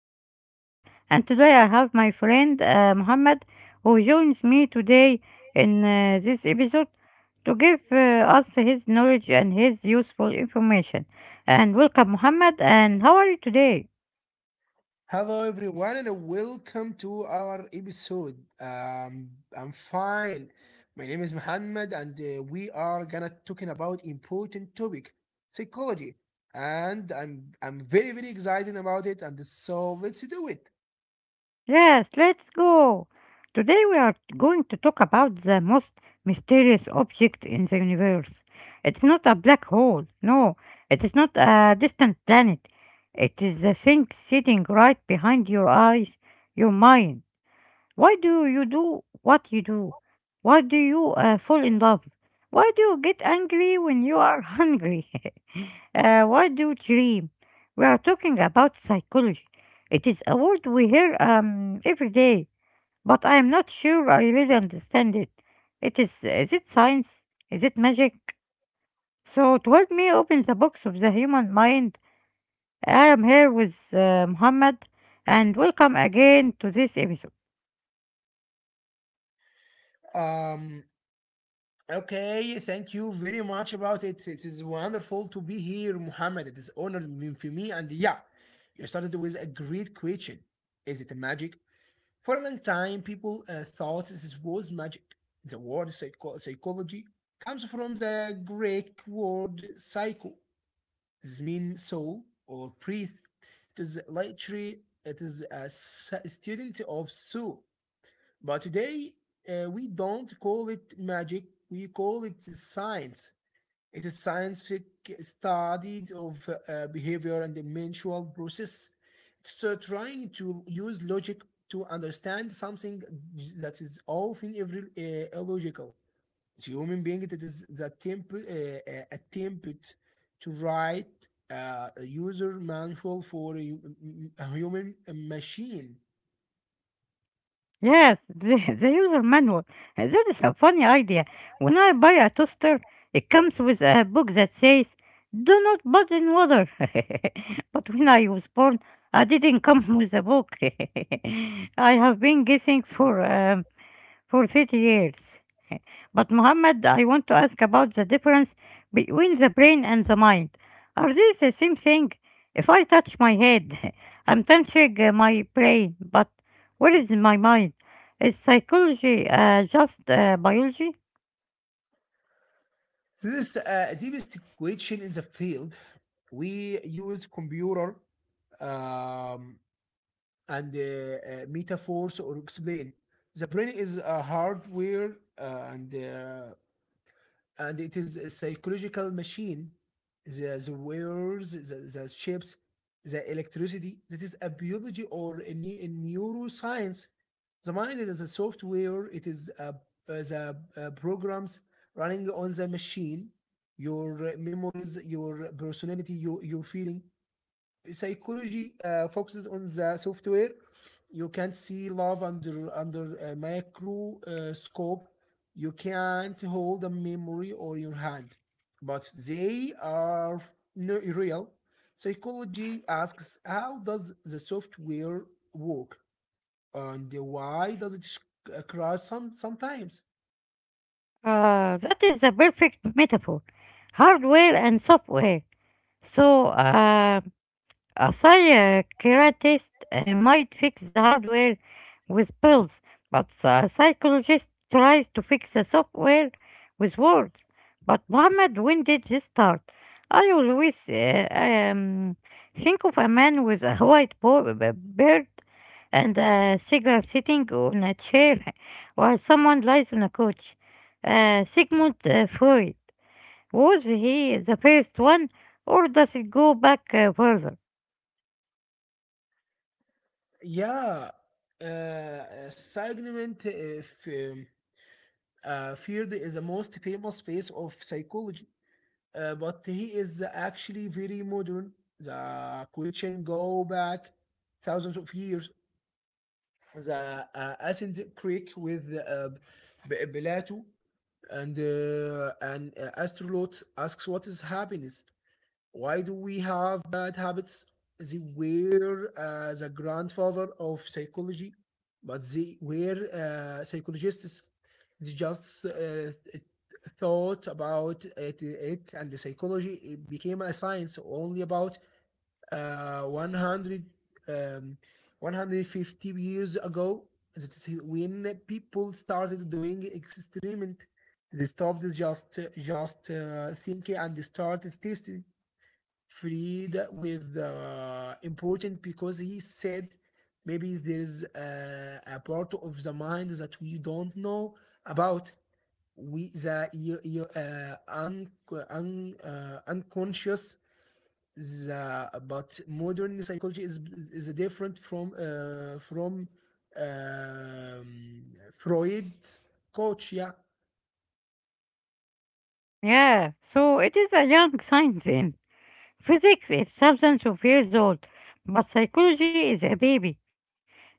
I'm Muhammad and today I have my friend Muhammad who joins me today in this episode to give us his knowledge and his useful information. And welcome Muhammad, and how are you today? Hello everyone and welcome to our episode. I'm fine. My name is Muhammad and we are gonna talking about important topic, psychology. And I'm very very excited about it and so let's do it. Yes, let's go. Today we are going to talk about the most mysterious object in the universe. It's not a black hole. No, it is not a distant planet. It is the thing sitting right behind your eyes, your mind. Why do you do what you do? Why do you fall in love? Why do you get angry when you are hungry? Why do you dream? We are talking about psychology. It is a word we hear every day, but I'm not sure I really understand it. Is it science? Is it magic? So to help me open the box of the human mind, I am here with Muhammad, and welcome again to this episode. Um, okay, thank you very much about it. It is wonderful to be here, Muhammad. It is for me and yeah, you started with a great question. Is it a magic? For a long time, people thought this was magic. The word psychology comes from the Greek word psycho. This means soul or breath. It is literally it is a student of soul. But today we don't call it magic. We call it science. It is scientific study of behavior and the mental process. It's trying to use logic to understand something that is often every, illogical. The Human being, it is the attempt attempt to write a user manual for a human machine. Yes, the user manual. That is a funny idea. When I buy a toaster, it comes with a book that says, "Do not put in water." But when I was born, I didn't come with a book. I have been guessing for 30 years. But Mohammed, I want to ask about the difference between the brain and the mind. Are they the same thing? If I touch my head, I'm touching my brain, but where is my mind? Is psychology just biology? This is deepest question in the field. We use computer um, and metaphors or explain. The brain is a hardware and and it is a psychological machine. The wires, the chips, the electricity. That is a biology or a neuroscience. The mind is a software. It is the programs running on the machine. Your memories, your personality, your feeling psychology focuses on the software. You can't see love under under a microscope. You can't hold a memory or your hand, but they are not real. Psychology asks how does the software work and why does it crash sometimes. That is a perfect metaphor. Hardware and software. So a psychiatrist might fix the hardware with pills, but a psychologist tries to fix the software with words. But Muhammad, when did this start? I always think of a man with a white beard and a cigar sitting on a chair while someone lies on a couch. Sigmund Freud, was he the first one, or does it go back further? Yeah, uh, segment uh, f- um, field is the most famous phase of psychology. But he is actually very modern. The question go back thousands of years. The Athens Creek with Plato and an astronaut asks what is happiness. Why do we have bad habits? They were the grandfather of psychology, but they were psychologists. They just thought about it and the psychology it became a science only about 100, um, 150 years ago. That is when people started doing experiment. They stopped just thinking and they started testing freed with important because he said maybe there is a part of the mind that we don't know about. We the you, you, uh, un, un, uh, unconscious. The but modern psychology is different from um, Freud, coach. Yeah, Yeah, so it is a young science. In physics is thousands of years old, but psychology is a baby.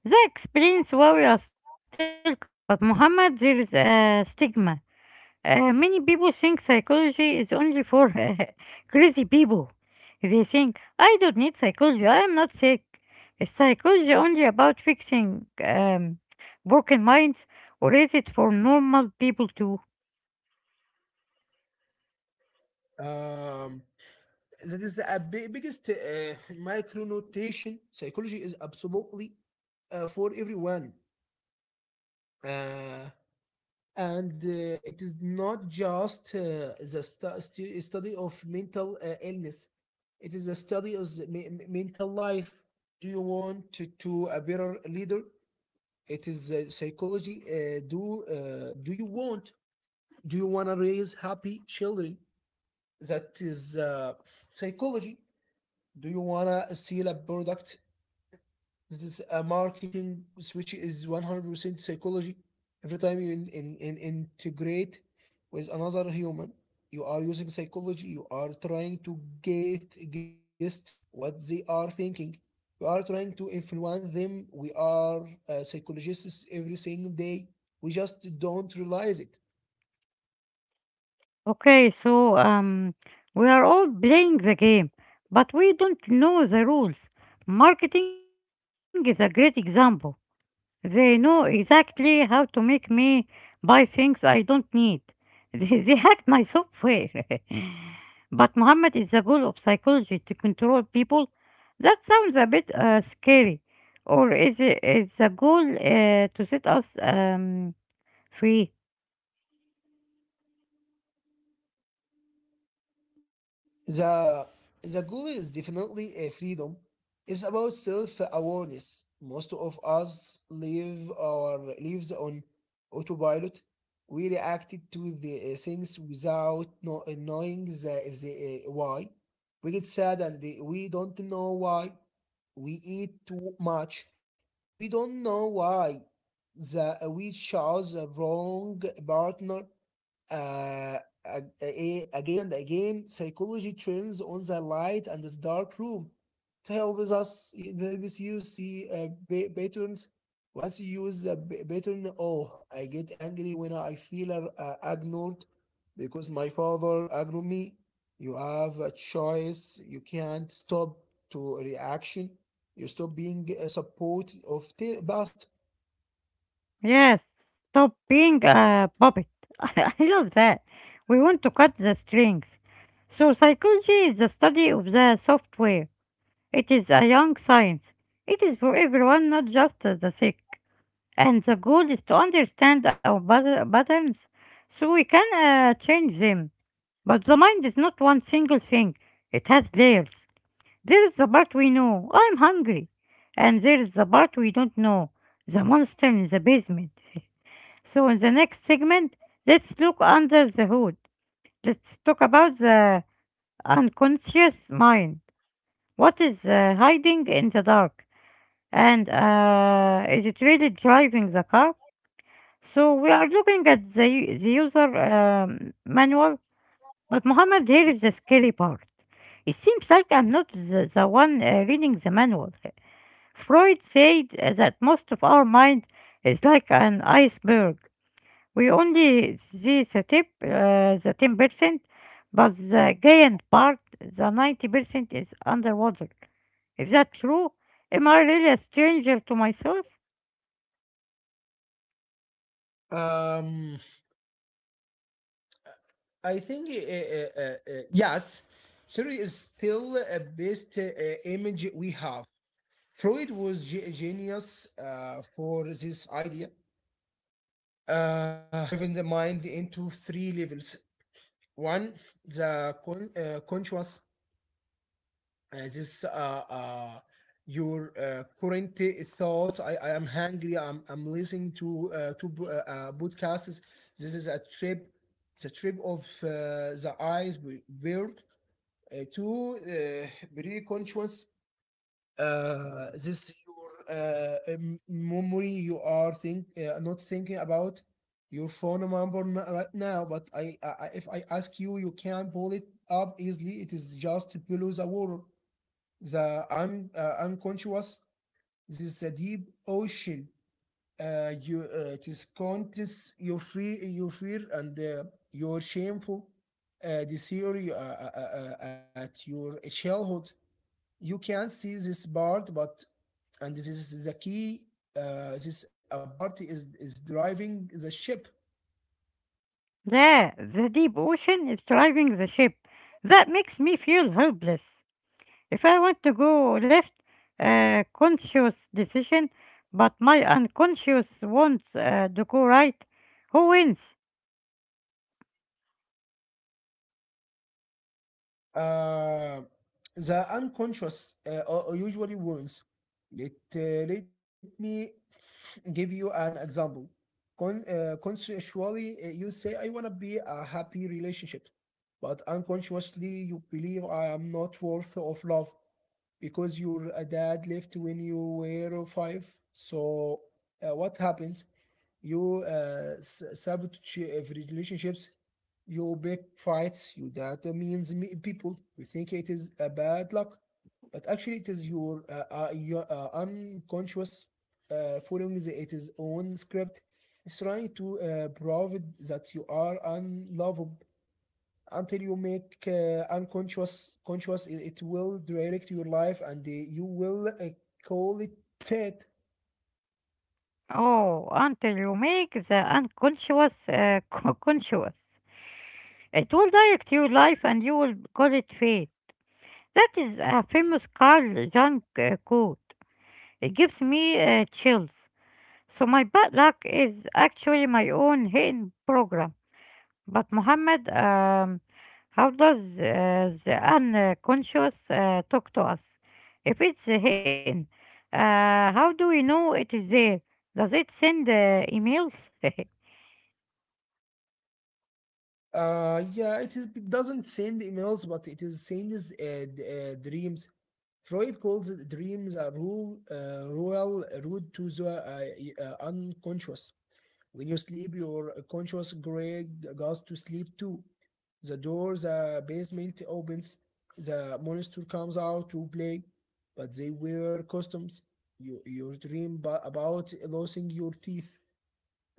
That explains why we are still confused. But Muhammad, there is a stigma. Many people think psychology is only for crazy people. They think, I don't need psychology, I am not sick. Is psychology only about fixing broken minds, or is it for normal people too? um, that is the biggest micro notation. Psychology is absolutely for everyone. Uh, and it is not just the study of mental illness. It is a study of the mental life. Do you want to a better leader? It is psychology. Do you want do you want to raise happy children? That is psychology. Do you want to sell a product? This marketing switch is 100% psychology. Every time you in integrate with another human, you are using psychology. You are trying to get guess what they are thinking. We are trying to influence them. We are psychologists every single day. We just don't realize it. Okay, so we are all playing the game, but we don't know the rules. Marketing is a great example. They know exactly how to make me buy things I don't need. They hacked my software. But Muhammad, is the goal of psychology to control people? That sounds a bit scary. Or is the goal to set us free? The the goal is definitely a freedom. It's about self-awareness. Most of us live our lives on autopilot. We reacted to the things without no, knowing the why. We get sad and we don't know why. We eat too much. We don't know why. We chose a wrong partner uh, again and again. Psychology turns on the light and this dark room to help us help you see patterns. Once you use a pattern, oh I get angry when I feel ignored because my father ignored me. You have a choice. You can't stop to reaction. You stop being a support of the past. Yes, stop being a puppet. I love that. We want to cut the strings. So, psychology is the study of the software. It is a young science. It is for everyone, not just the sick. And the goal is to understand our patterns so we can change them. But the mind is not one single thing, it has layers. There is the part we know, I'm hungry. And there is the part we don't know, the monster in the basement. So, in the next segment, let's look under the hood. Let's talk about the unconscious mind. What is hiding in the dark? And is it really driving the car? So, we are looking at the user manual, but Mohammed, here is the scary part. It seems like I'm not the one reading the manual. Freud said that most of our mind is like an iceberg. We only see the tip, the 10%, but the giant part, the 90%, is underwater. Is that true? Am I really a stranger to myself? um I think yes, Surrey is still a best image we have. Freud was genius for this idea, diving the mind into three levels. One, the conscious, this your current thought. I am hungry. I'm listening to podcasts. This is a trip the trip of the eyes bird to pre-conscious. This Your memory you are think not thinking about your phone number right now, but if I ask you you can pull it up easily. It is just below the water. The unconscious, this is a deep ocean. You It is contents your free your fear and your shameful desire at your childhood. You can see this part, but and this is the key, this a part is driving the ship. Yeah, the deep ocean is driving the ship. That makes me feel helpless. If I want to go left, conscious decision, but my unconscious wants to go right, who wins? uh, the unconscious usually wounds. let uh, Let me give you an example. Consensually you say I want to be a happy relationship, but unconsciously you believe I am not worth of love because your dad left when you were five. So what happens? You sabotage every relationships. You pick fights. You that means people. You think it is a bad luck, but actually it is your unconscious following the, its own script. It's trying to prove that you are unlovable until you make unconscious conscious. It will direct your life and you will call it fate. Oh, until you make the unconscious conscious. It will direct your life and you will call it fate. That is a famous Carl Jung quote. It gives me chills. So my bad luck is actually my own hidden program. But Muhammad, how does the unconscious talk to us? If it's hidden, uh, how do we know it is there? Does it send emails? It doesn't send emails, but it is sends dreams. Freud calls dreams a rule royal road to the unconscious. When you sleep, your conscious grid goes to sleep too. The door, the basement opens, the monster comes out to play, but they wear costumes. You dream about losing your teeth.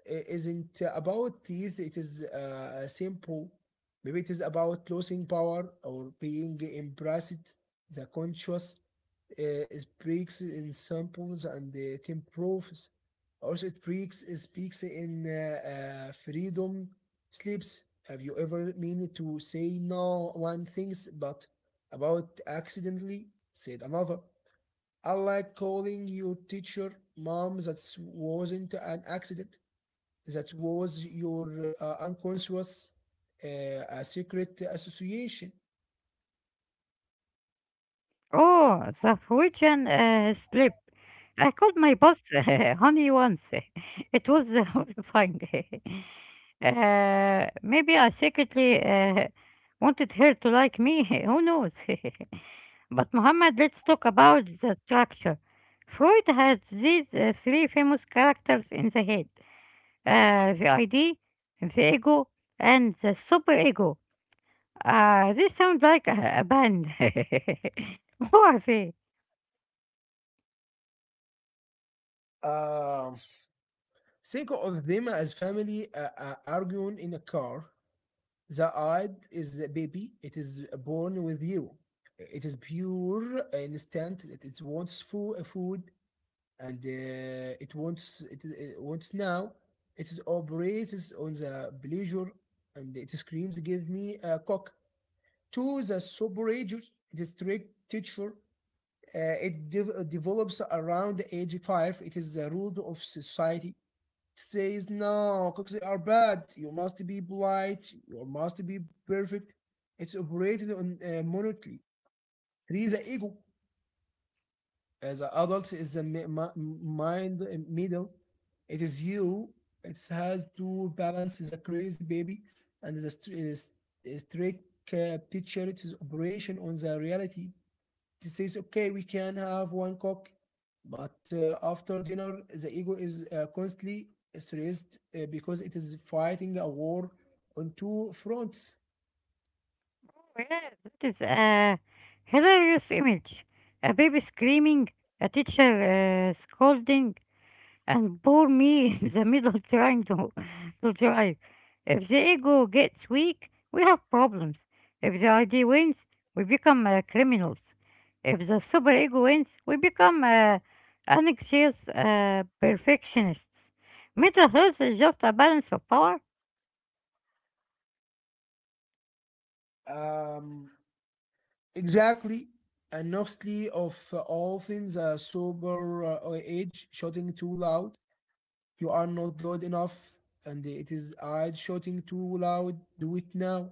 Isn't about teeth, it is simple. Maybe it is about losing power or being impressed. The conscious speaks in samples and it improves. Also, it speaks in freedom, sleeps. Have you ever mean to say no one things but about accidentally said another? I like calling your teacher mom. That wasn't an accident. That was your unconscious secret association. Oh, the Norwegian slip. I called my boss honey once. It was horrifying. Uh, maybe I secretly wanted her to like me. Who knows? But Muhammad, let's talk about the structure. Freud had these three famous characters in the head: the ID, the ego, and the superego. This sounds like a band. What they? Um, think of them as family arguing in a car. The id is a baby. It is born with you. It is pure instant. It wants food, food, and it wants it wants now. It is operates on the pleasure, and it screams, "Give me a cock." To the superages, it is trick teacher. Develops around age five. It is the rules of society. It says no, cookies are bad. You must be polite. You must be perfect. It's operated on monotony. Three, the ego. As an adult, is the mind middle. It is you. It has to balance the crazy baby and the uh, st- strict teacher. It is operation on the reality. It says, okay, we can have one cock, but after dinner, the ego is constantly stressed because it is fighting a war on two fronts. Oh yeah, that is a hilarious image. A baby screaming, a teacher scolding, and poor me in the middle trying to drive. If the ego gets weak, we have problems. If the idea wins, we become criminals. If the superego wins, we become anxious perfectionists. Mental health is just a balance of power. Um, exactly. And Noxley of all things, a sober age, shouting too loud. You are not good enough. And it is I shouting too loud. Do it now.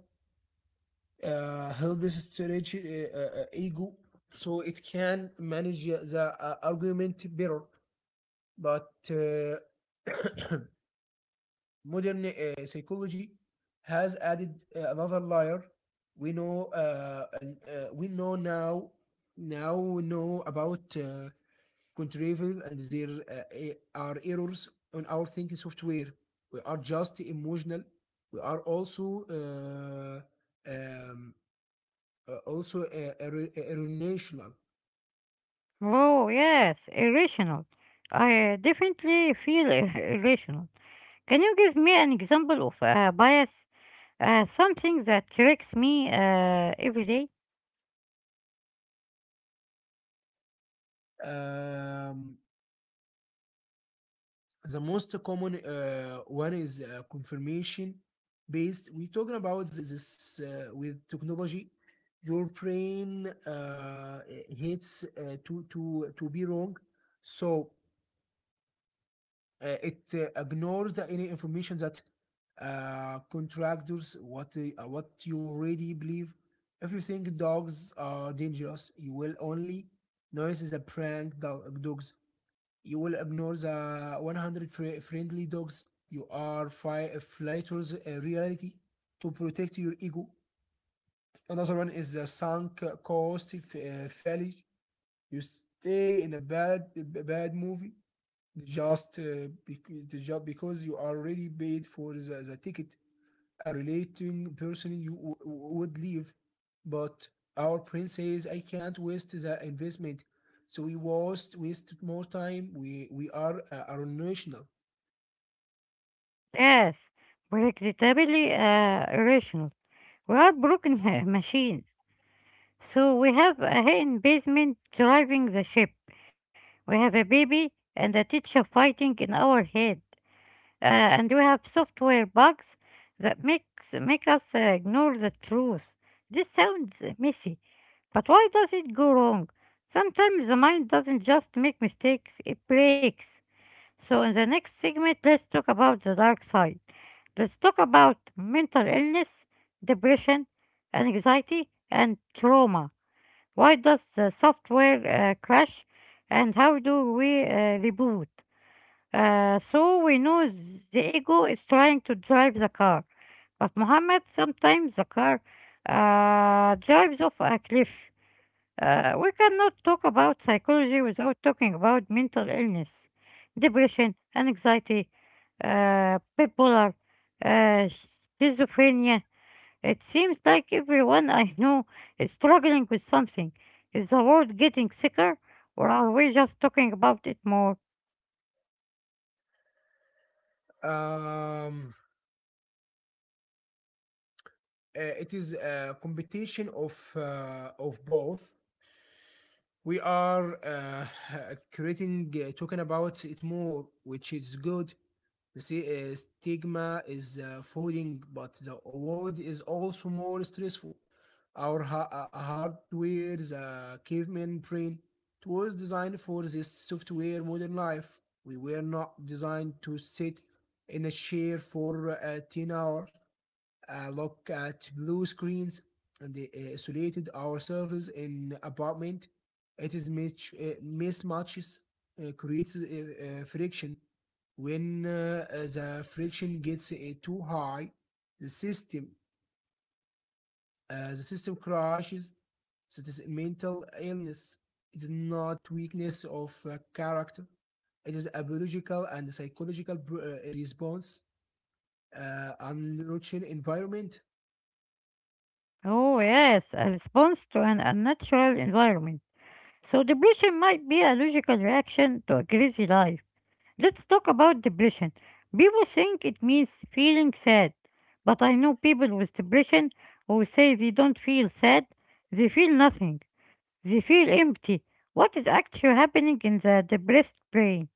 Helps stretch ego so it can manage the argument better. But modern psychology has added another layer. We know and we know now Now we know about contriving and there are errors on our thinking software. We are just emotional. We are also um, erroneous. Oh, yes, irrational. I definitely feel irrational. Can you give me an example of a bias, something that tricks me every day? Um, the most common one is confirmation based. We're talking about this with technology. Your brain hates to be wrong, so it ignored any information that contractors what you already believe. If you think dogs are dangerous, you will only notice is a prank dog, dogs. You will ignore the 100 friendly dogs. You are fighters reality to protect your ego. Another one is the sunk cost failure. You stay in a bad movie just because the job because you are already paid for the ticket. A relating person you would leave, but our prince says I can't waste the investment, so we waste more time. We are national. Yes, predictably irrational. We are broken machines. So we have a hidden basement driving the ship. We have a baby and a teacher fighting in our head. And we have software bugs that make us ignore the truth. This sounds messy, but why does it go wrong? Sometimes the mind doesn't just make mistakes, it breaks. So in the next segment, let's talk about the dark side. Let's talk about mental illness, depression, anxiety, and trauma. Why does the software crash, and how do we reboot? So we know the ego is trying to drive the car. But Muhammad, sometimes the car drives off a cliff. We cannot talk about psychology without talking about mental illness, depression, anxiety, bipolar, uh, schizophrenia. It seems like everyone I know is struggling with something. Is the world getting sicker, or are we just talking about it more? um it is a competition of both. We are creating talking about it more, which is good. The stigma is falling, but the world is also more stressful. Our hardware, the caveman brain, it was designed for this software modern life. We were not designed to sit in a chair for 10 hours, look at blue screens and isolated our servers in apartment. It is mismatches, creates friction. When the friction gets too high, the system, the system crashes. So it is mental illness. It is not weakness of character. It is a biological and psychological response. Unrooted environment. Oh, yes, a response to an unnatural environment. So, depression might be a logical reaction to a crazy life. Let's talk about depression. People think it means feeling sad, but I know people with depression who say they don't feel sad, they feel nothing, they feel empty. What is actually happening in the depressed brain?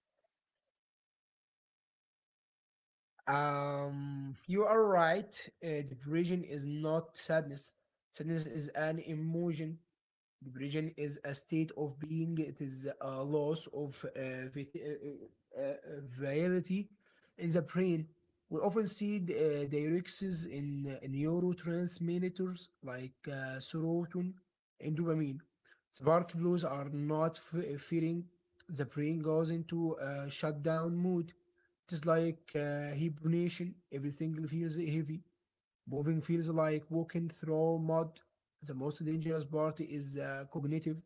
You are right. Depression is not sadness. Sadness is an emotion. Depression is a state of being. It is a loss of vitality in the brain. We often see the, diuretics in neurotransmitters like serotonin and dopamine. The bark blues are not fearing. The brain goes into a shutdown mood. It is like hibernation. Everything feels heavy. Moving feels like walking through mud. The most dangerous part is the cognitive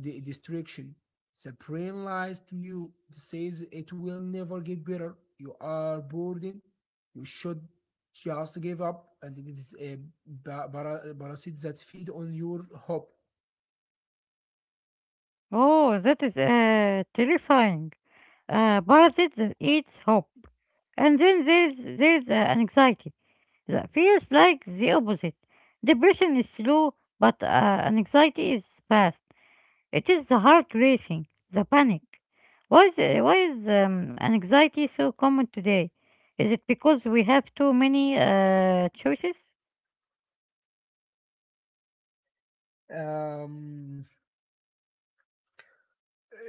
destruction. The brain lies to you. It says it will never get better. You are burdened. You should just give up. And it is a parasite that feed on your hope. Oh, that is terrifying. A parasite that eats hope. And there's anxiety. That feels like the opposite. Depression is slow, but anxiety is fast. It is the heart racing, the panic. Why is anxiety so common today? Is it because we have too many choices? Um,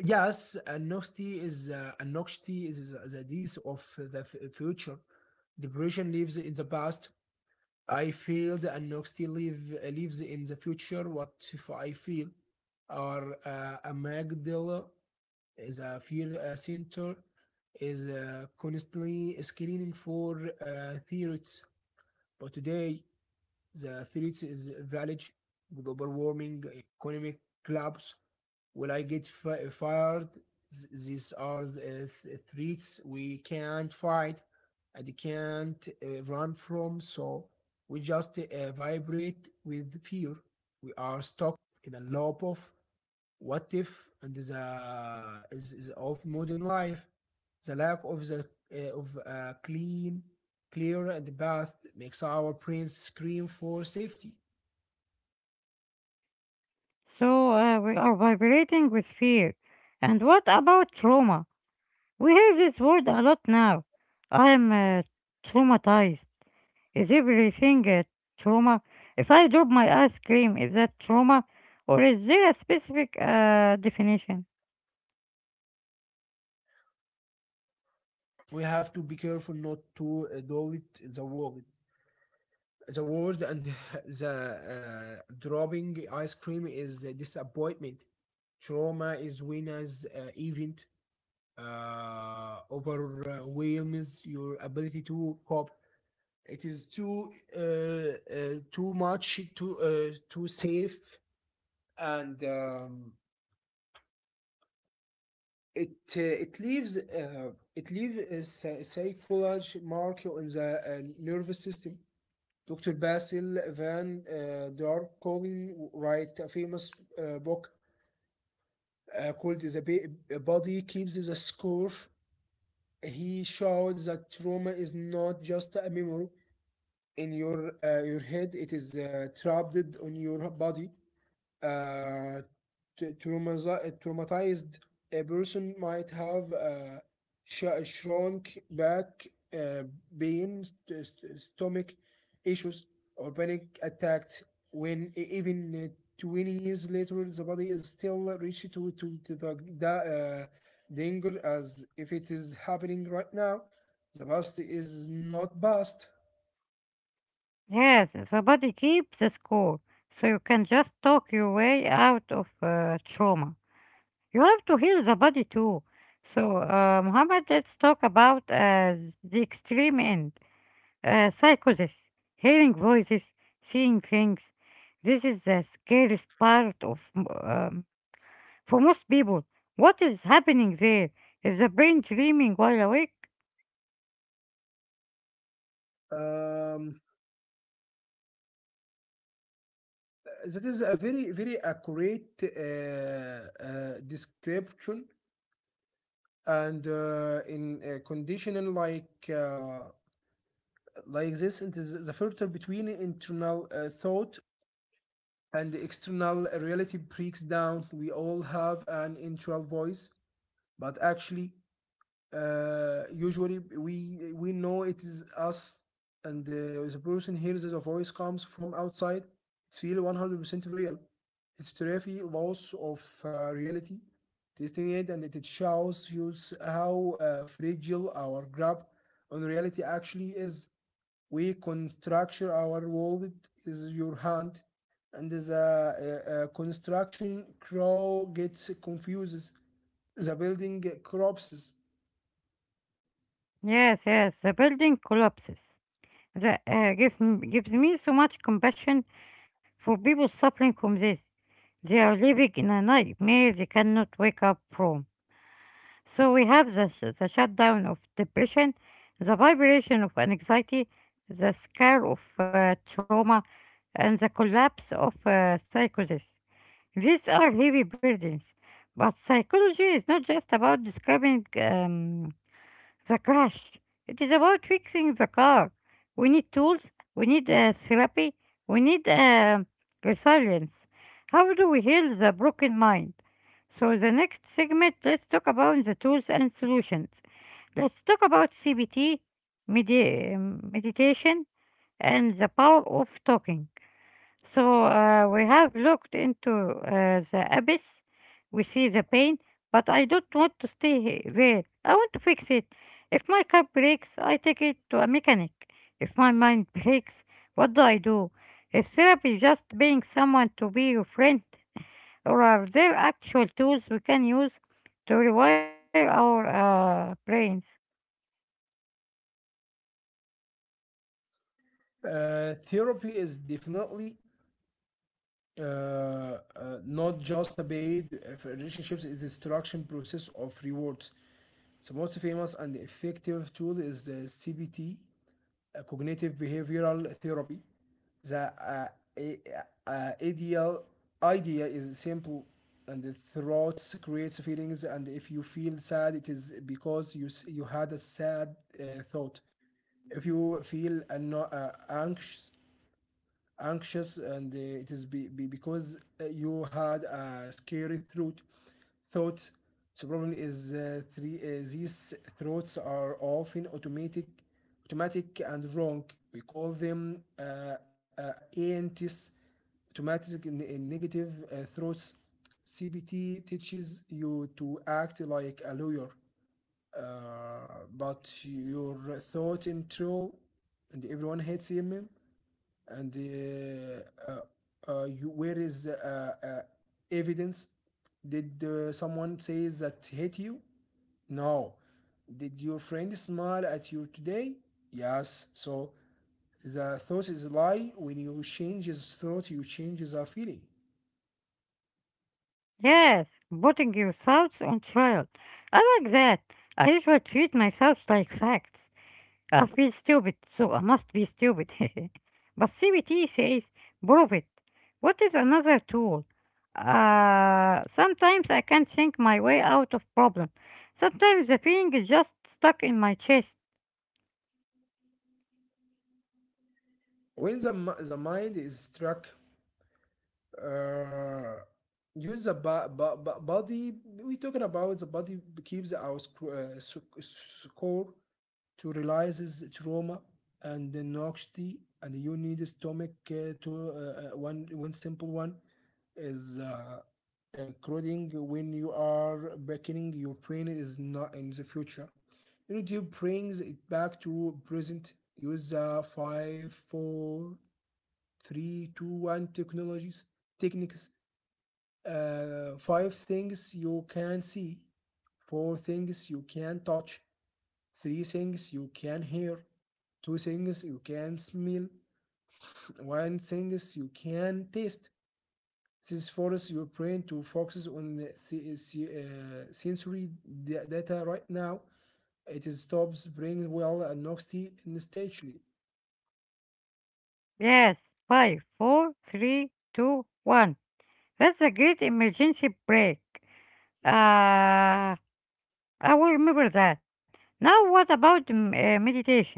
yes, anxiety is the disease of the future. Depression lives in the past. I feel the NXT live, lives in the future. What if I feel are a Magdala is a fear center is constantly screening for theories, but today the threat is village, global warming, economic collapse. Will I get fired? These are the threats we can't fight and can't run from, so we just vibrate with fear. We are stuck in a loop of what if and the is of modern life, the lack of the of a clean, clear and path makes our brains scream for safety. So we are vibrating with fear. And what about trauma? We hear this word a lot now. I am traumatized. Is everything a trauma? If I drop my ice cream, is that trauma? Or is there a specific definition? We have to be careful not to do it in the world. The world and the dropping ice cream is a disappointment. Trauma is winner's event overwhelms your ability to cope. It is too too much, too too safe, and it it leaves a psychological mark on the nervous system. Dr. Basil Van Darkoling write a famous book called "The Body Keeps the Score." He showed that trauma is not just a memory in your head; it is trapped on your body. uh, Traumatized a person might have shrunk back, uh, pain, stomach issues, or panic attacks when even 20 years later the body is still reached to the danger as if it is happening right now. The past is not past. Yes, somebody keeps the score, so you can just talk your way out of trauma. You have to heal the body too. So, Muhammad, let's talk about the extreme end, psychosis, hearing voices, seeing things. This is the scariest part of um. For most people, what is happening there? Is the brain dreaming while awake? Um, that is a very accurate description and in conditioning like this it is the filter between internal thought and the external reality breaks down. We all have an internal voice, but actually usually we know it is us, and the person hears the voice comes from outside. It's really 100% real. It's terrify loss of reality testing it, and it shows you how fragile our grab on reality actually is. We constructure our world is your hand, and the construction crow gets confused, the building collapses. Yes, yes, the building collapses. That gives me so much compassion for people suffering from this. They are living in a nightmare they cannot wake up from. So we have the shutdown of depression, the vibration of anxiety, the scare of trauma, and the collapse of psychosis. These are heavy burdens, but psychology is not just about describing the crash. It is about fixing the car. We need tools, we need therapy, we need resilience. How do we heal the broken mind? So, the next segment, let's talk about the tools and solutions. Let's talk about CBT, meditation, and the power of talking. So we have looked into the abyss. We see the pain, but I don't want to stay there. I want to fix it. If my car breaks, I take it to a mechanic. If my mind breaks, what do I do? Is therapy just being someone to be your friend? Or are there actual tools we can use to rewire our brains? Therapy is definitely uh, uh, not just a paid for relationships, it is structured process of rewards. The most famous and effective tool is CBT, cognitive behavioral therapy. The a- uh, ideal idea is simple, and the thoughts creates feelings, and if you feel sad it is because you had a sad thought. If you feel anxious, and it is be because you had a scary throat thoughts. So problem is three these throats are often automatic and wrong. We call them ANTs, automatic in negative throats. CBT teaches you to act like a lawyer, but your thought in troll and everyone hates him, and where is evidence? Did someone says that hit you? No. Did your friend smile at you today? Yes. So the thought is lie. When you change his thought, you change the feeling. Yes, putting your thoughts on trial. I like that. I usually treat my thoughts like facts. I feel stupid, so I must be stupid. But CBT says prove it. What is another tool? Sometimes I can't think my way out of problem. Sometimes the feeling is just stuck in my chest. When the, the mind is struck, uh, use the body. We're talking about the body keeps our score to realize trauma and the noxity, and you need stomach to one simple one is coding. When you are beckoning, your brain is not in the future, youtube brings it back to present. Use 5 4 3 2 1 technologies, techniques: five things you can see, four things you can touch, three things you can hear, two things you can smell, one things you can taste. This forces your brain to focus on the sensory data right now. It stops bringing well and noxty instantly. Yes, five, four, three, two, one. That's a great emergency break. Uh, I will remember that. Now, what about meditation?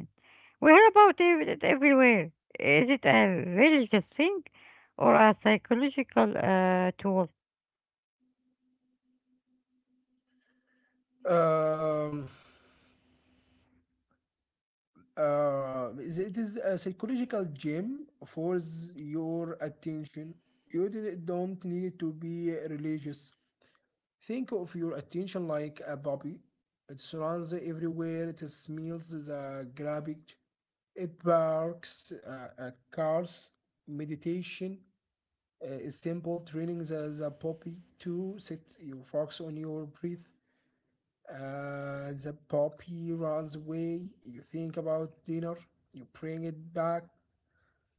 We hear about it everywhere. Is it a religious thing or a psychological tool? Um, it is a psychological gym for your attention. You don't need to be religious. Think of your attention like a bubble. It surrounds everywhere, it smells the garbage, it barks at cars. Meditation is simple, training the puppy to sit. You focus on your breath. The puppy runs away. You think about dinner, you bring it back,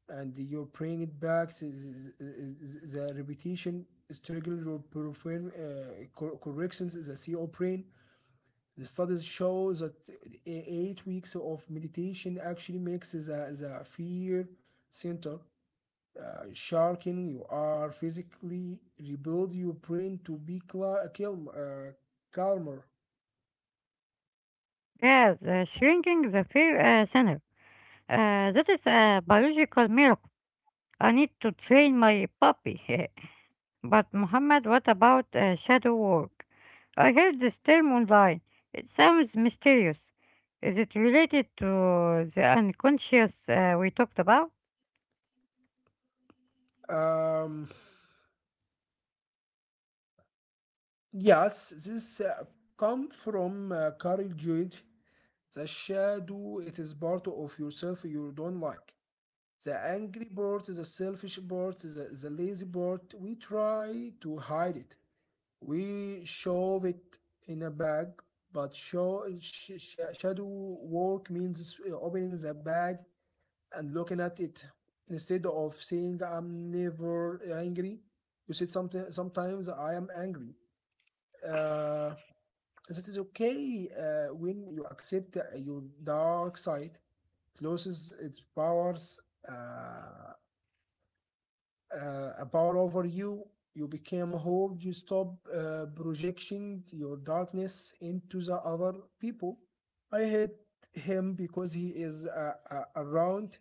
and you bring it back. The, the repetition struggle your perform corrections, the CO brain. The studies show that 8 weeks of meditation actually makes the fear center sharpen. You are physically rebuild your brain to be calm, calmer. Yes, shrinking the fear center. That is a biological miracle. I need to train my puppy. But, Muhammad, what about shadow work? I heard this term online. It sounds mysterious. Is it related to the unconscious we talked about? Um, yes, this come from Carl Jung. The shadow, it is part of yourself you don't like. The angry part, the selfish part, the lazy part, we try to hide it. We shove it in a bag, but shadow work means opening the bag and looking at it. Instead of saying I'm never angry, you said something. Sometimes I am angry. Uh, that is okay when you accept your dark side. It loses its powers. Uh, a power over you. You became whole. You stop projecting your darkness into the other people. I hate him because he is around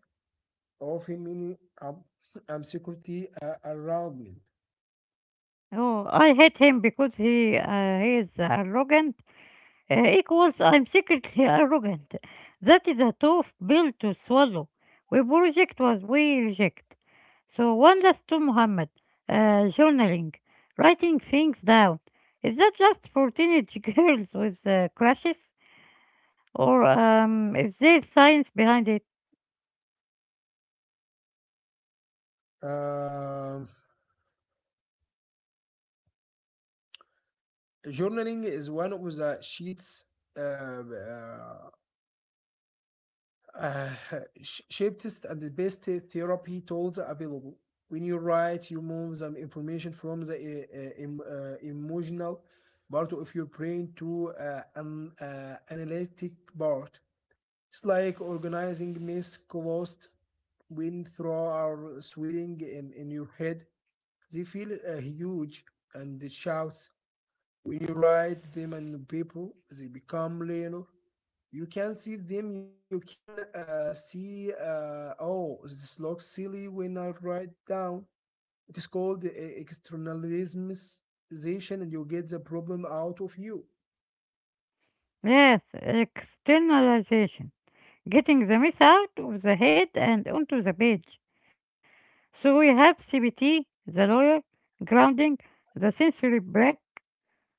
of him, meaning security around me. Oh, I hate him because he is arrogant equals I'm secretly arrogant. That is a tough pill to swallow. We project what we reject. So one last to Muhammad, journaling, writing things down. Is that just for teenage girls with crushes, or is there science behind it? Um, Journaling is one of the sheets, um, uh, uh, sharpest and the best therapy tools available. When you write, you move some information from the emotional part of your brain to an analytic part. It's like organizing mess closed when through are swirling in your head. They feel huge and it shouts. When you write them and people, they become learner. You can see them. You can see. Oh, this looks silly when I write down. It is called externalization, and you get the problem out of you. Yes, externalization, getting the mess out of the head and onto the page. So we have CBT, the lawyer, grounding, the sensory break,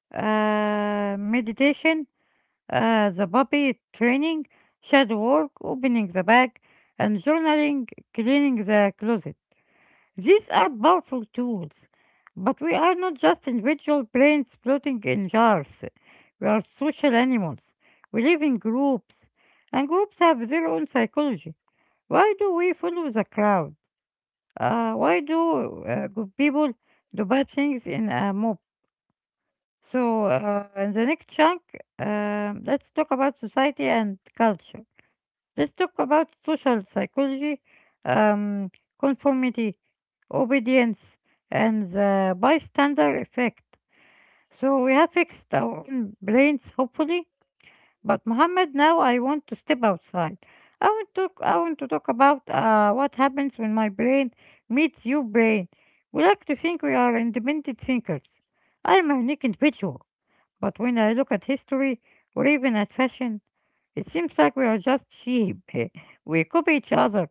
meditation, the puppy training, shadow work, opening the bag, and journaling, cleaning the closet. These are powerful tools, but we are not just individual brains floating in jars. We are social animals. We live in groups, and groups have their own psychology. Why do we follow the crowd? Why do good people do bad things in a mob? So, in the next chunk, let's talk about society and culture. Let's talk about social psychology, um, conformity, obedience, and the bystander effect. So, we have fixed our own brains, hopefully, but Mohammed, now I want to step outside. I want to talk about what happens when my brain meets your brain. We like to think we are independent thinkers. I am a unique individual, but when I look at history or even at fashion, it seems like we are just sheep. We copy each other.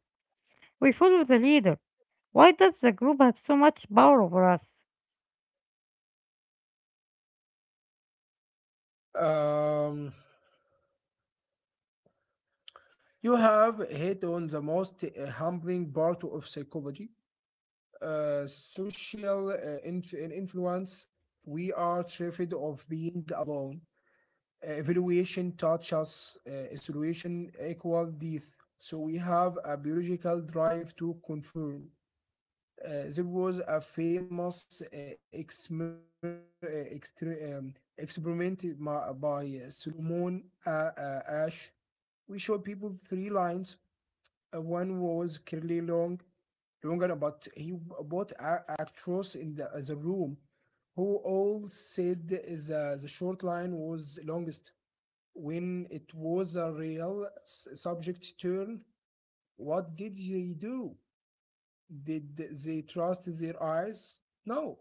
We follow the leader. Why does the group have so much power over us? Um, you have hit on the most humbling part of psychology, social influence. We are terrified of being alone. Eh, evaluation taught us a solution equal death. So we have a biological drive to confirm. There was a famous exmer- uh, experiment by Solomon Ash. We showed people three lines. One was clearly longer, but he bought actors in the room who all said the short line was longest. When it was a real subject turn, what did they do? Did they trust their eyes? No.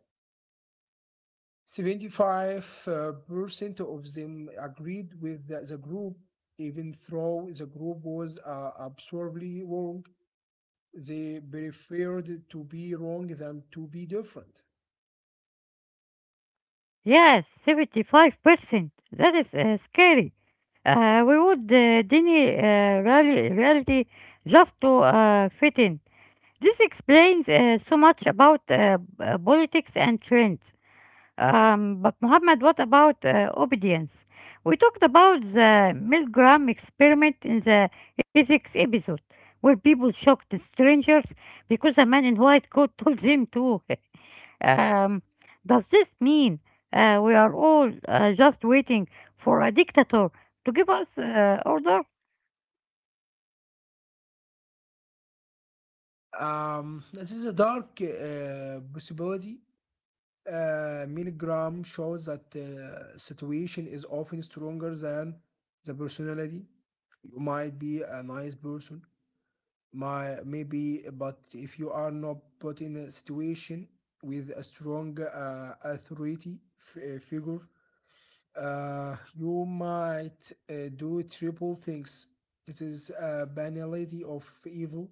75% of them agreed with the group, even though the group was absurdly wrong. They preferred to be wrong than to be different. Yes, 75%. That is scary. We would deny reality just to fit in. This explains so much about politics and trends. But Muhammad, what about obedience? We talked about the Milgram experiment in the ethics episode, where people shocked strangers because a man in white coat told them to. Um, does this mean we are all just waiting for a dictator to give us order? This is a dark possibility, milligram shows that situation is often stronger than the personality. You might be a nice person, my maybe, but if you are not put in a situation with a strong authority figure, you might do triple things. This is a banality of evil.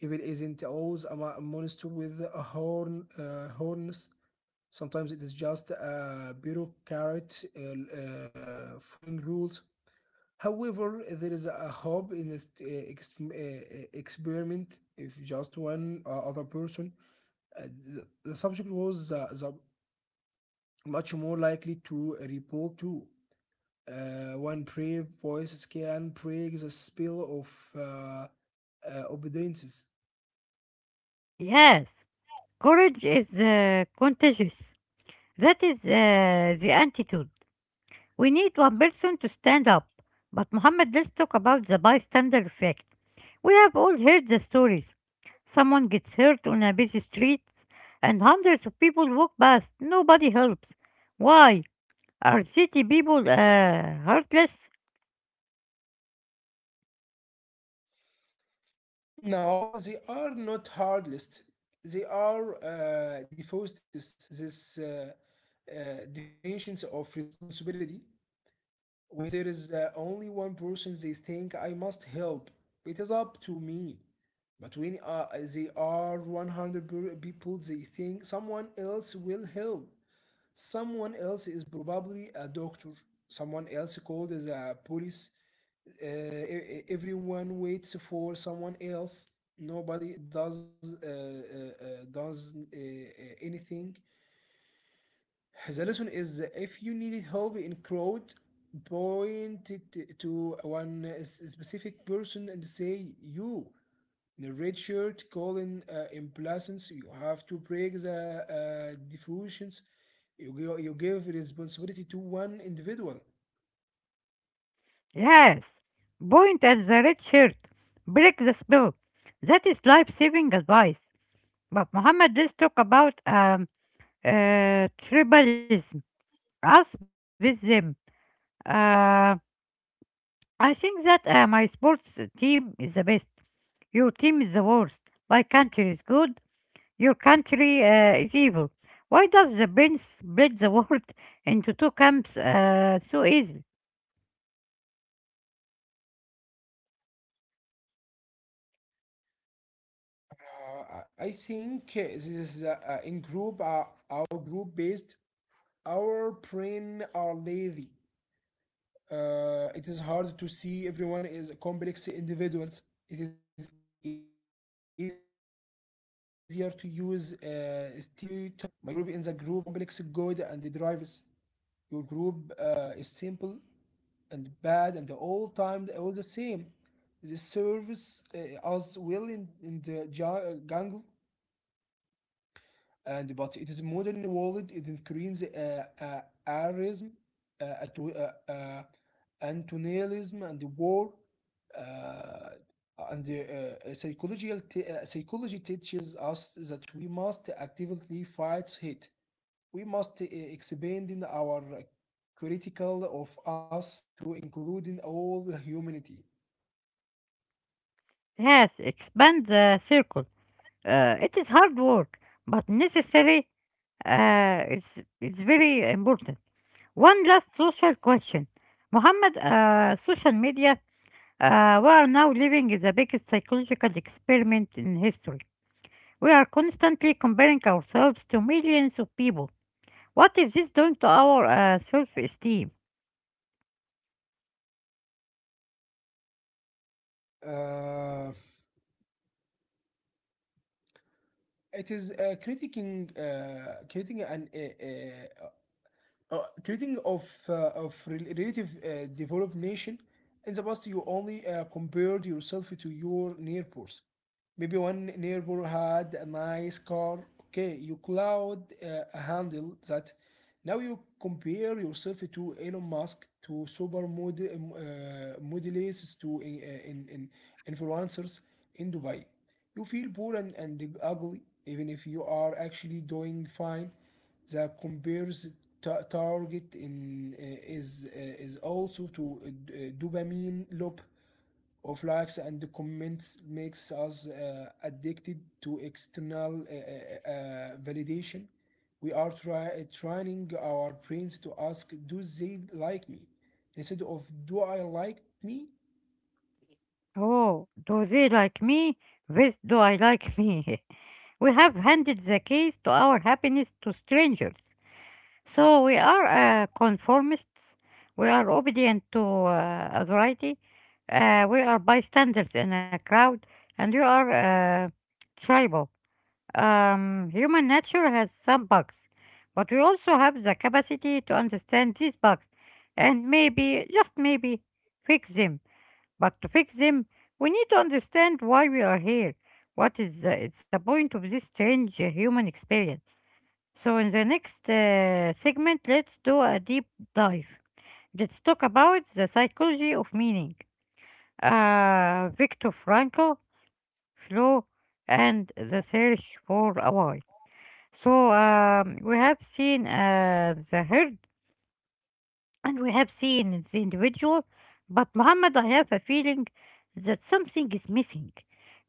If it isn't always a monster with a horn, horns, sometimes it is just a bureaucrat following rules. However, there is a hope in this experiment if just one other person. The subject was the much more likely to report to. One brave voice can break the spell of uh, obedience. Yes, courage is contagious. That is the antidote. We need one person to stand up. But Muhammad, let's talk about the bystander effect. We have all heard the stories. Someone gets hurt on a busy street, and hundreds of people walk past. Nobody helps. Why? Are city people heartless? No, they are not hard lists. They are default this. This definitions of responsibility. When there is only one person, they think I must help. It is up to me. But when they are 100 people, they think someone else will help. Someone else is probably a doctor. Someone else called as a police everyone waits for someone else, nobody does anything. The lesson is, if you need help in crowd, point it to one specific person and say you the red shirt calling imbalance. You have to break the diffusions. You give responsibility to one individual. Yes, point at the red shirt. Break the spell. That is life-saving advice. But Muhammad, let's talk about tribalism. Us with them. Uh, I think that my sports team is the best. Your team is the worst. My country is good. Your country is evil. Why does the brain split the world into two camps so easily? I think this is in group, our group based, our brain are lazy. It is hard to see everyone is complex individuals. It is easier to use stereotype. My group in the group is complex good and the drivers. Your group is simple and bad and all time all the same. The service us well in the jungle. And but it is modern world, it increases arism, uh, atto- uh, uh, antonalism and the war, uh, and the psychological psychology teaches us that we must actively fight hate. We must expand in our critical of us to include in all humanity. Yes, expand the circle. It is hard work, but necessary. It's very important. One last social question, Mohammed. Social media. We are now living in the biggest psychological experiment in history. We are constantly comparing ourselves to millions of people. What is this doing to our self-esteem? uh, it is critiquing creating an treating of relative developed nation. In the past, you only compared yourself to your neighbors. Maybe one neighbor had a nice car. Okay, you cloud a handle that. Now you compare yourself to Elon Musk, to super model, modelists, to in influencers in Dubai. You feel poor and ugly, even if you are actually doing fine. The compares target in is also to dopamine loop of likes and comments makes us addicted to external validation. We are training our brains to ask, do they like me? Instead of, do I like me? Oh, do they like me? This do I like me? We have handed the keys to our happiness to strangers. So we are conformists. We are obedient to authority. We are bystanders in a crowd, and you are tribal. Human nature has some bugs, but we also have the capacity to understand these bugs and maybe, just maybe, fix them. But to fix them, we need to understand why we are here. What is the point of this strange human experience? So, in the next segment, let's do a deep dive. Let's talk about the psychology of meaning. Viktor Frankl, flow, and the search for a why. So, we have seen the herd and we have seen in the individual, but Muhammad, I have a feeling that something is missing.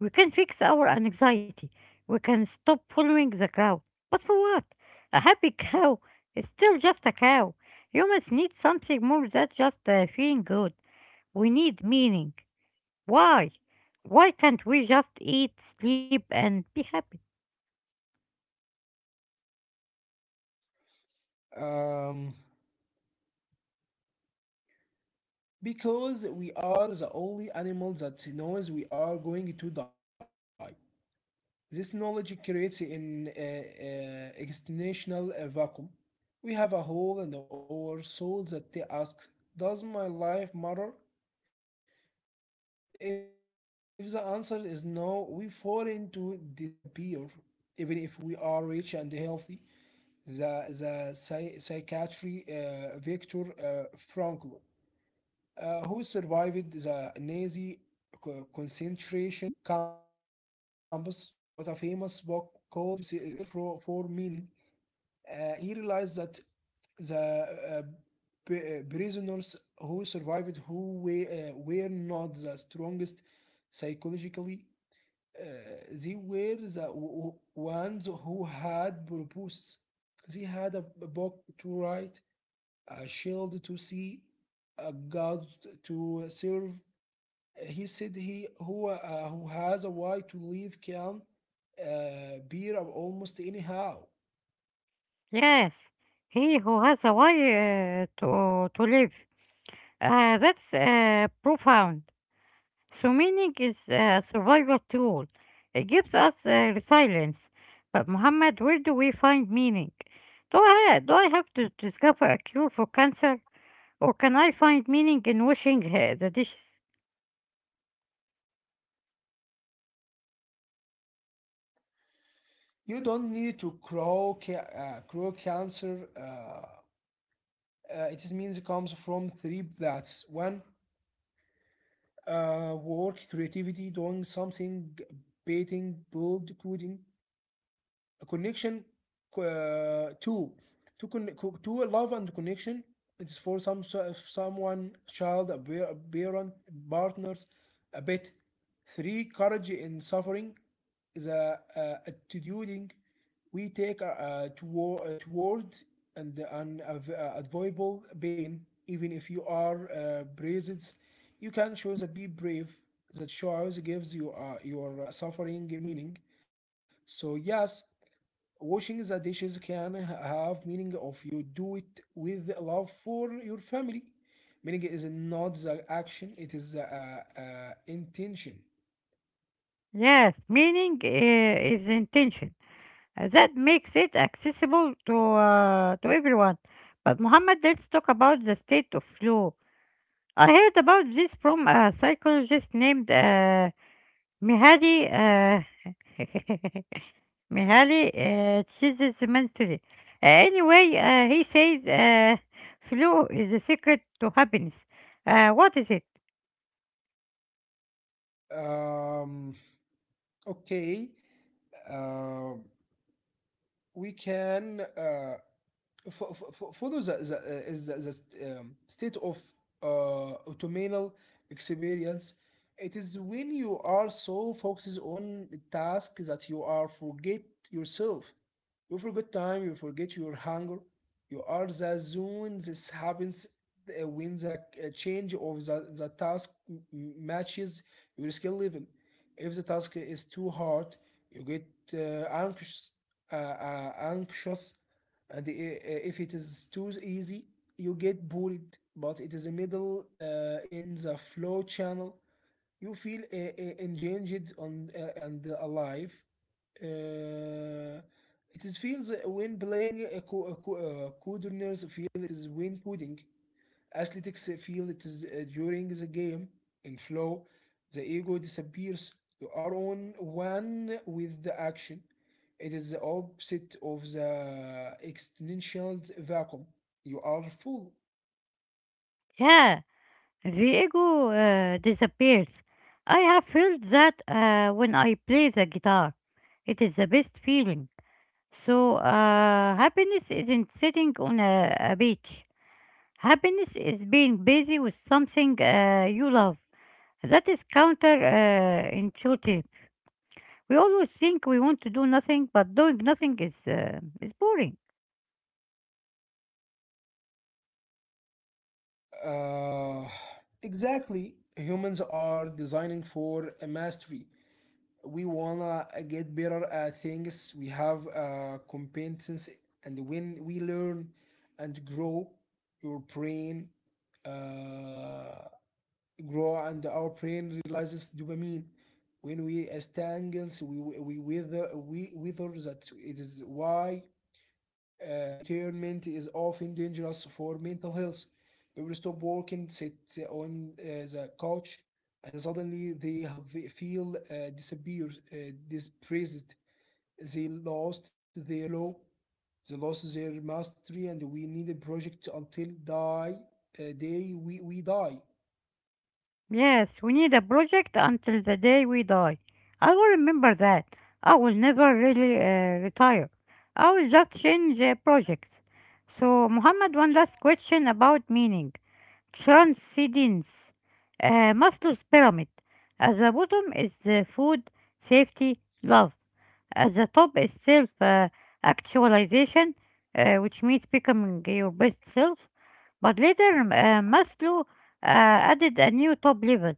We can fix our anxiety. We can stop following the crowd. But for what? A happy cow is still just a cow. Humans need something more than just feeling good. We need meaning. Why? Why can't we just eat, sleep, and be happy? Um, because we are the only animal that knows we are going to die. This knowledge creates an existential vacuum. We have a hole in our soul that asks, does my life matter? If the answer is no, we fall into disappear, even if we are rich and healthy. The psychiatry, Viktor Frankl, who survived the Nazi concentration camps, wrote a famous book called Means Search for Meaning. He realized that the prisoners who survived who were not the strongest psychologically, uh, they were the ones who had purpose. They had a book to write, a shield to see, a god to serve. He said he who has a why to live can bear up almost anyhow. Yes, he who has a why to live. That's profound. So meaning is a survival tool. It gives us resilience. But Muhammad, where do we find meaning? Do I have to discover a cure for cancer, or can I find meaning in washing the dishes? You don't need to grow cancer. It is means it comes from three. That's one, work creativity doing something, painting build coding. A connection uh, to to con- to love and connection. It's for some if someone child a a parent partners a bit. Three courage in suffering, the attituding we take towards and an avoidable pain. Even if you are braced, you can choose to be brave. That choice gives you your suffering meaning. So yes, washing the dishes can have meaning of you do it with love for your family. Meaning is not the action, it is the intention. Yes, meaning is intention. That makes it accessible to everyone. But Muhammad, let's talk about the state of flow. I heard about this from a psychologist named Mihadi. Uh, Mihaly chases mentally. Anyway, he says flow is the secret to happiness. What is it? Um, okay. Uh, we can follow the state of autonomial experience. It is when you are so focused on the task that you are forget yourself. You forget time, you forget your hunger. You are the zone. This happens when the change of the task matches your skill level. If the task is too hard, you get uh, anxious, anxious, and if it is too easy, you get bored. But it is a middle in the flow channel. You feel engaged on and alive. Uh, it is feels when playing a coders feel it is when coding. Athletics feel it is during the game. In flow, the ego disappears. You are on one with the action. It is the opposite of the existential vacuum. You are full. Yeah, the ego disappears. I have felt that when I play the guitar. It is the best feeling. So, happiness isn't sitting on a beach. Happiness is being busy with something you love. That is counter intuitive. We always think we want to do nothing, but doing nothing is boring. Uh, exactly. Humans are designing for a mastery. We wanna get better at things we have competence, and when we learn and grow your brain uh, grow and our brain realizes dopamine when we we wither that it is why retirement is often dangerous for mental health. People stop working, sit on the couch, and suddenly they have feel depressed. They lost their flow, they lost their mastery, and we need a project until die day we die. Yes, we need a project until the day we die. I will remember that. I will never really retire. I will just change projects. So, Muhammad, one last question about meaning. Transcendence. Maslow's pyramid. At the bottom is food, safety, love. The top is self- actualization, which means becoming your best self. But later, Maslow added a new top level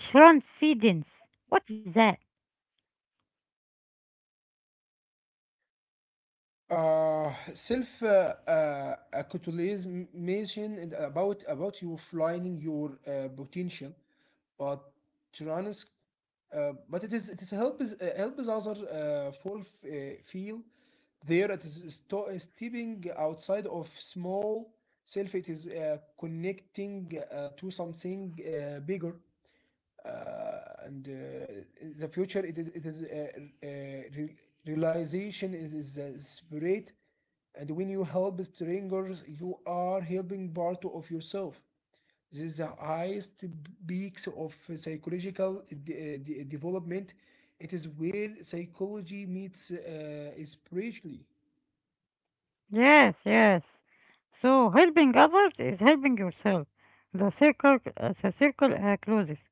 transcendence. What is that? Self actualization and about you finding your potential, but trans, but it is, it is help is help is other full feel. There it is stepping outside of small self. It is connecting to something bigger, and in the future it is, it is re- realization is a spirit. And when you help strangers you are helping part of yourself. This is the highest peaks of psychological development. It is where psychology meets spiritually. Yes, yes. So helping others is helping yourself. The circle, the circle closes.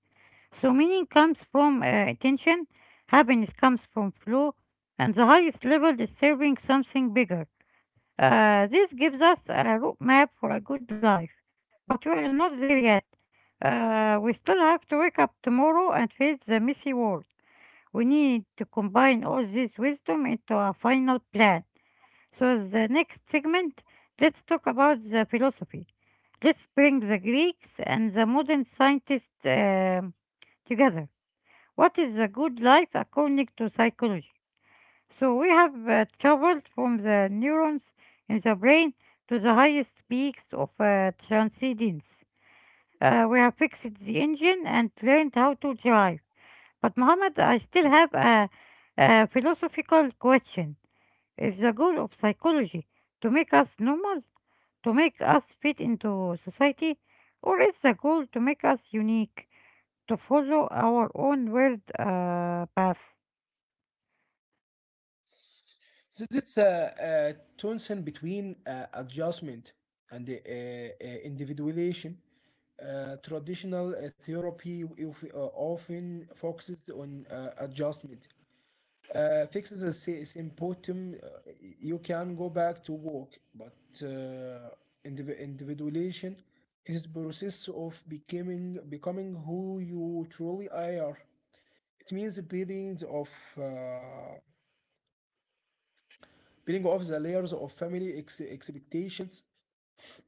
So meaning comes from attention, happiness comes from flow, and the highest level is serving something bigger. This gives us a roadmap for a good life, but we are not there yet. We still have to wake up tomorrow and face the messy world. We need to combine all this wisdom into a final plan. So, the next segment, let's talk about the philosophy. Let's bring the Greeks and the modern scientists together. What is a good life according to psychology? So we have traveled from the neurons in the brain to the highest peaks of transcendence. We have fixed the engine and learned how to drive. But Mohammed, I still have a philosophical question. Is the goal of psychology to make us normal, to make us fit into society, or is the goal to make us unique, to follow our own world path? So this is a tension between adjustment and individuation. Traditional therapy often focuses on adjustment. Fixes a symptom, you can go back to work, but uh, individuation is process of becoming who you truly are. It means building of uh, peeling off the layers of family expectations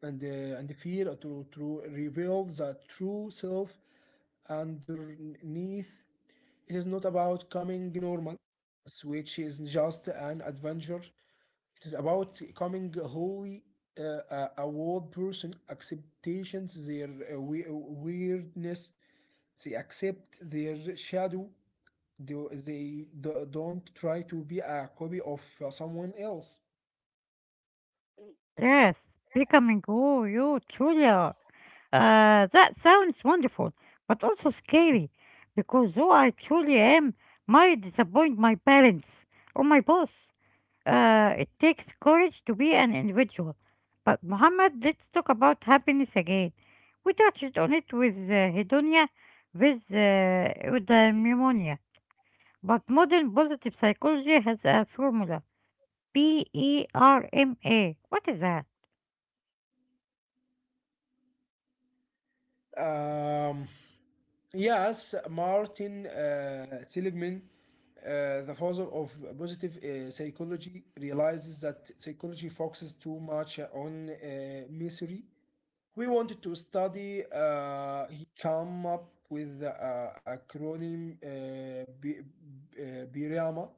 and and fear to reveal the true self underneath. It is not about coming normal, which is just an adventure. It is about coming wholly, uh, a world person, acceptations their weirdness. They accept their shadow. They, they do not try to be a copy of someone else. Yes, becoming who you truly are. That sounds wonderful, but also scary, because who I truly am might disappoint my parents or my boss. It takes courage to be an individual. But Muhammad, let's talk about happiness again. We touched on it with hedonia, with eudaimonia. But modern positive psychology has a formula: PERMA. What is that? Um, yes, Martin Seligman, the father of positive psychology, realizes that psychology focuses too much on misery. We wanted to study, he came up with the, acronym BRIAMA: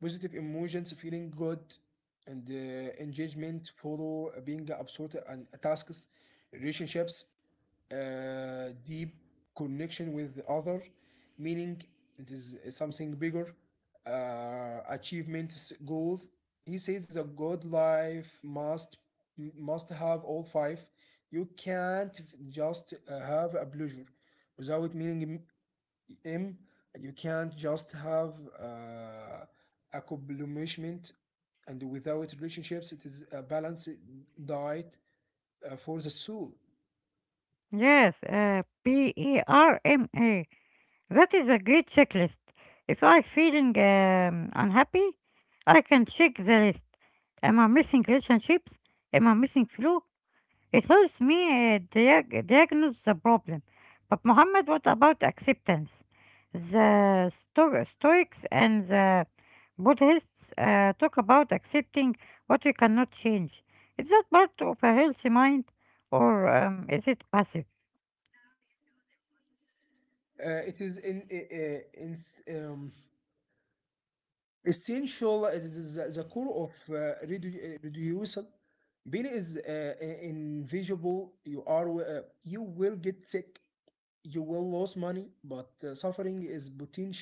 positive emotions, feeling good, and engagement, follow being absorbed in tasks, relationships, deep connection with the other, meaning it is something bigger, achievements, goals. He says is a good life must have all five. You can't just have a pleasure without meaning M, you can't just have accomplishment. And without relationships it is a balanced diet for the soul. Yes, PERMA. That is a great checklist. If I'm feeling unhappy, I can check the list. Am I missing relationships? Am I missing flu? It helps me diagnose the problem. But Muhammad, what about acceptance? The Stoics and the Buddhists talk about accepting what we cannot change. Is that part of a healthy mind, or is it passive? It is in essential. It is the core of reducing pain is uh, invisible. You are you will get sick, you will lose money, but suffering is potential.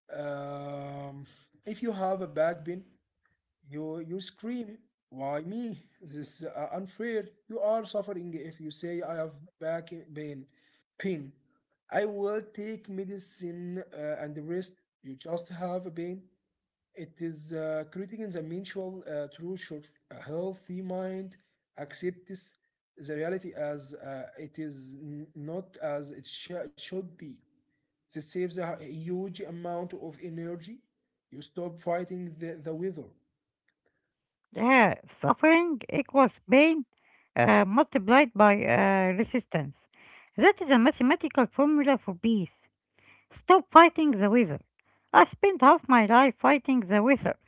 um, if you have a back pain, you scream, why me? This is unfair. You are suffering. If you say I have back pain. Pain. I will take medicine and rest. You just have a pain. It is creating the mutual truth. A healthy mind accepts the reality as it is, not as it should be. This saves a huge amount of energy. You stop fighting the weather. Yeah, suffering equals pain multiplied by resistance. That is a mathematical formula for peace. Stop fighting the weather. I spent half my life fighting the weather,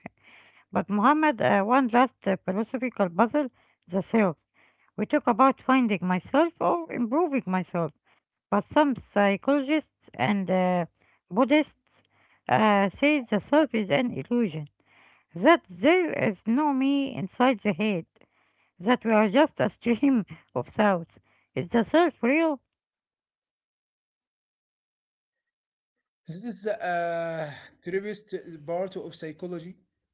but Muhammad, one last philosophical puzzle, the self. We talk about finding myself or improving myself, but some psychologists and Buddhists say the self is an illusion, that there is no me inside the head that we are just a stream of sounds. Is the self real? This is a theorist part of psychology.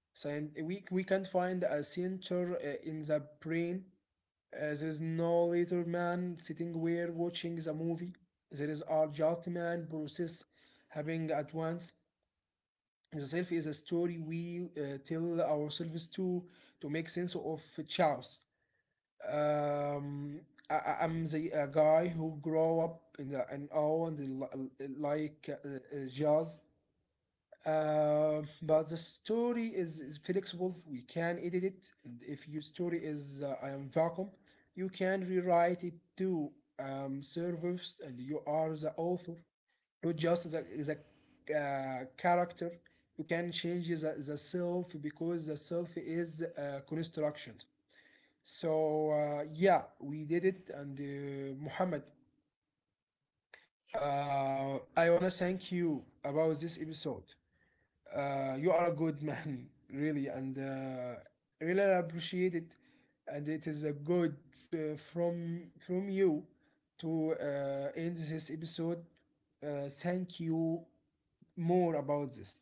We we can't find a center in the brain. There is no later man sitting where watching the movie. There is our just man process having at once. The self is a story we tell ourselves to make sense of chaos. Um, I'm the guy who grow up in the, an awe and the, like jazz. But the story is flexible. We can edit it. And if your story is, I am vacuum, you can rewrite it to, servers, and you are the author, not just the character. You can change the self because the self is construction. So yeah, we did it, and Muhammad, I wanna thank you about this episode. You are a good man, really, and really appreciate it. And it is a good from you to end this episode. Thank you more about this.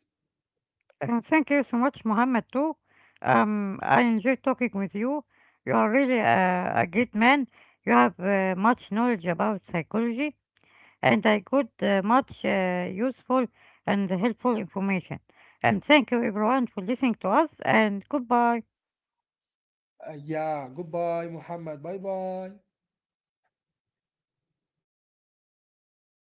And thank you so much, Mohammed, too. I enjoy talking with you. You are really a great man. You have much knowledge about psychology, and I got much useful and helpful information. And thank you, everyone, for listening to us. And goodbye. Yeah, goodbye, Muhammad. Bye bye.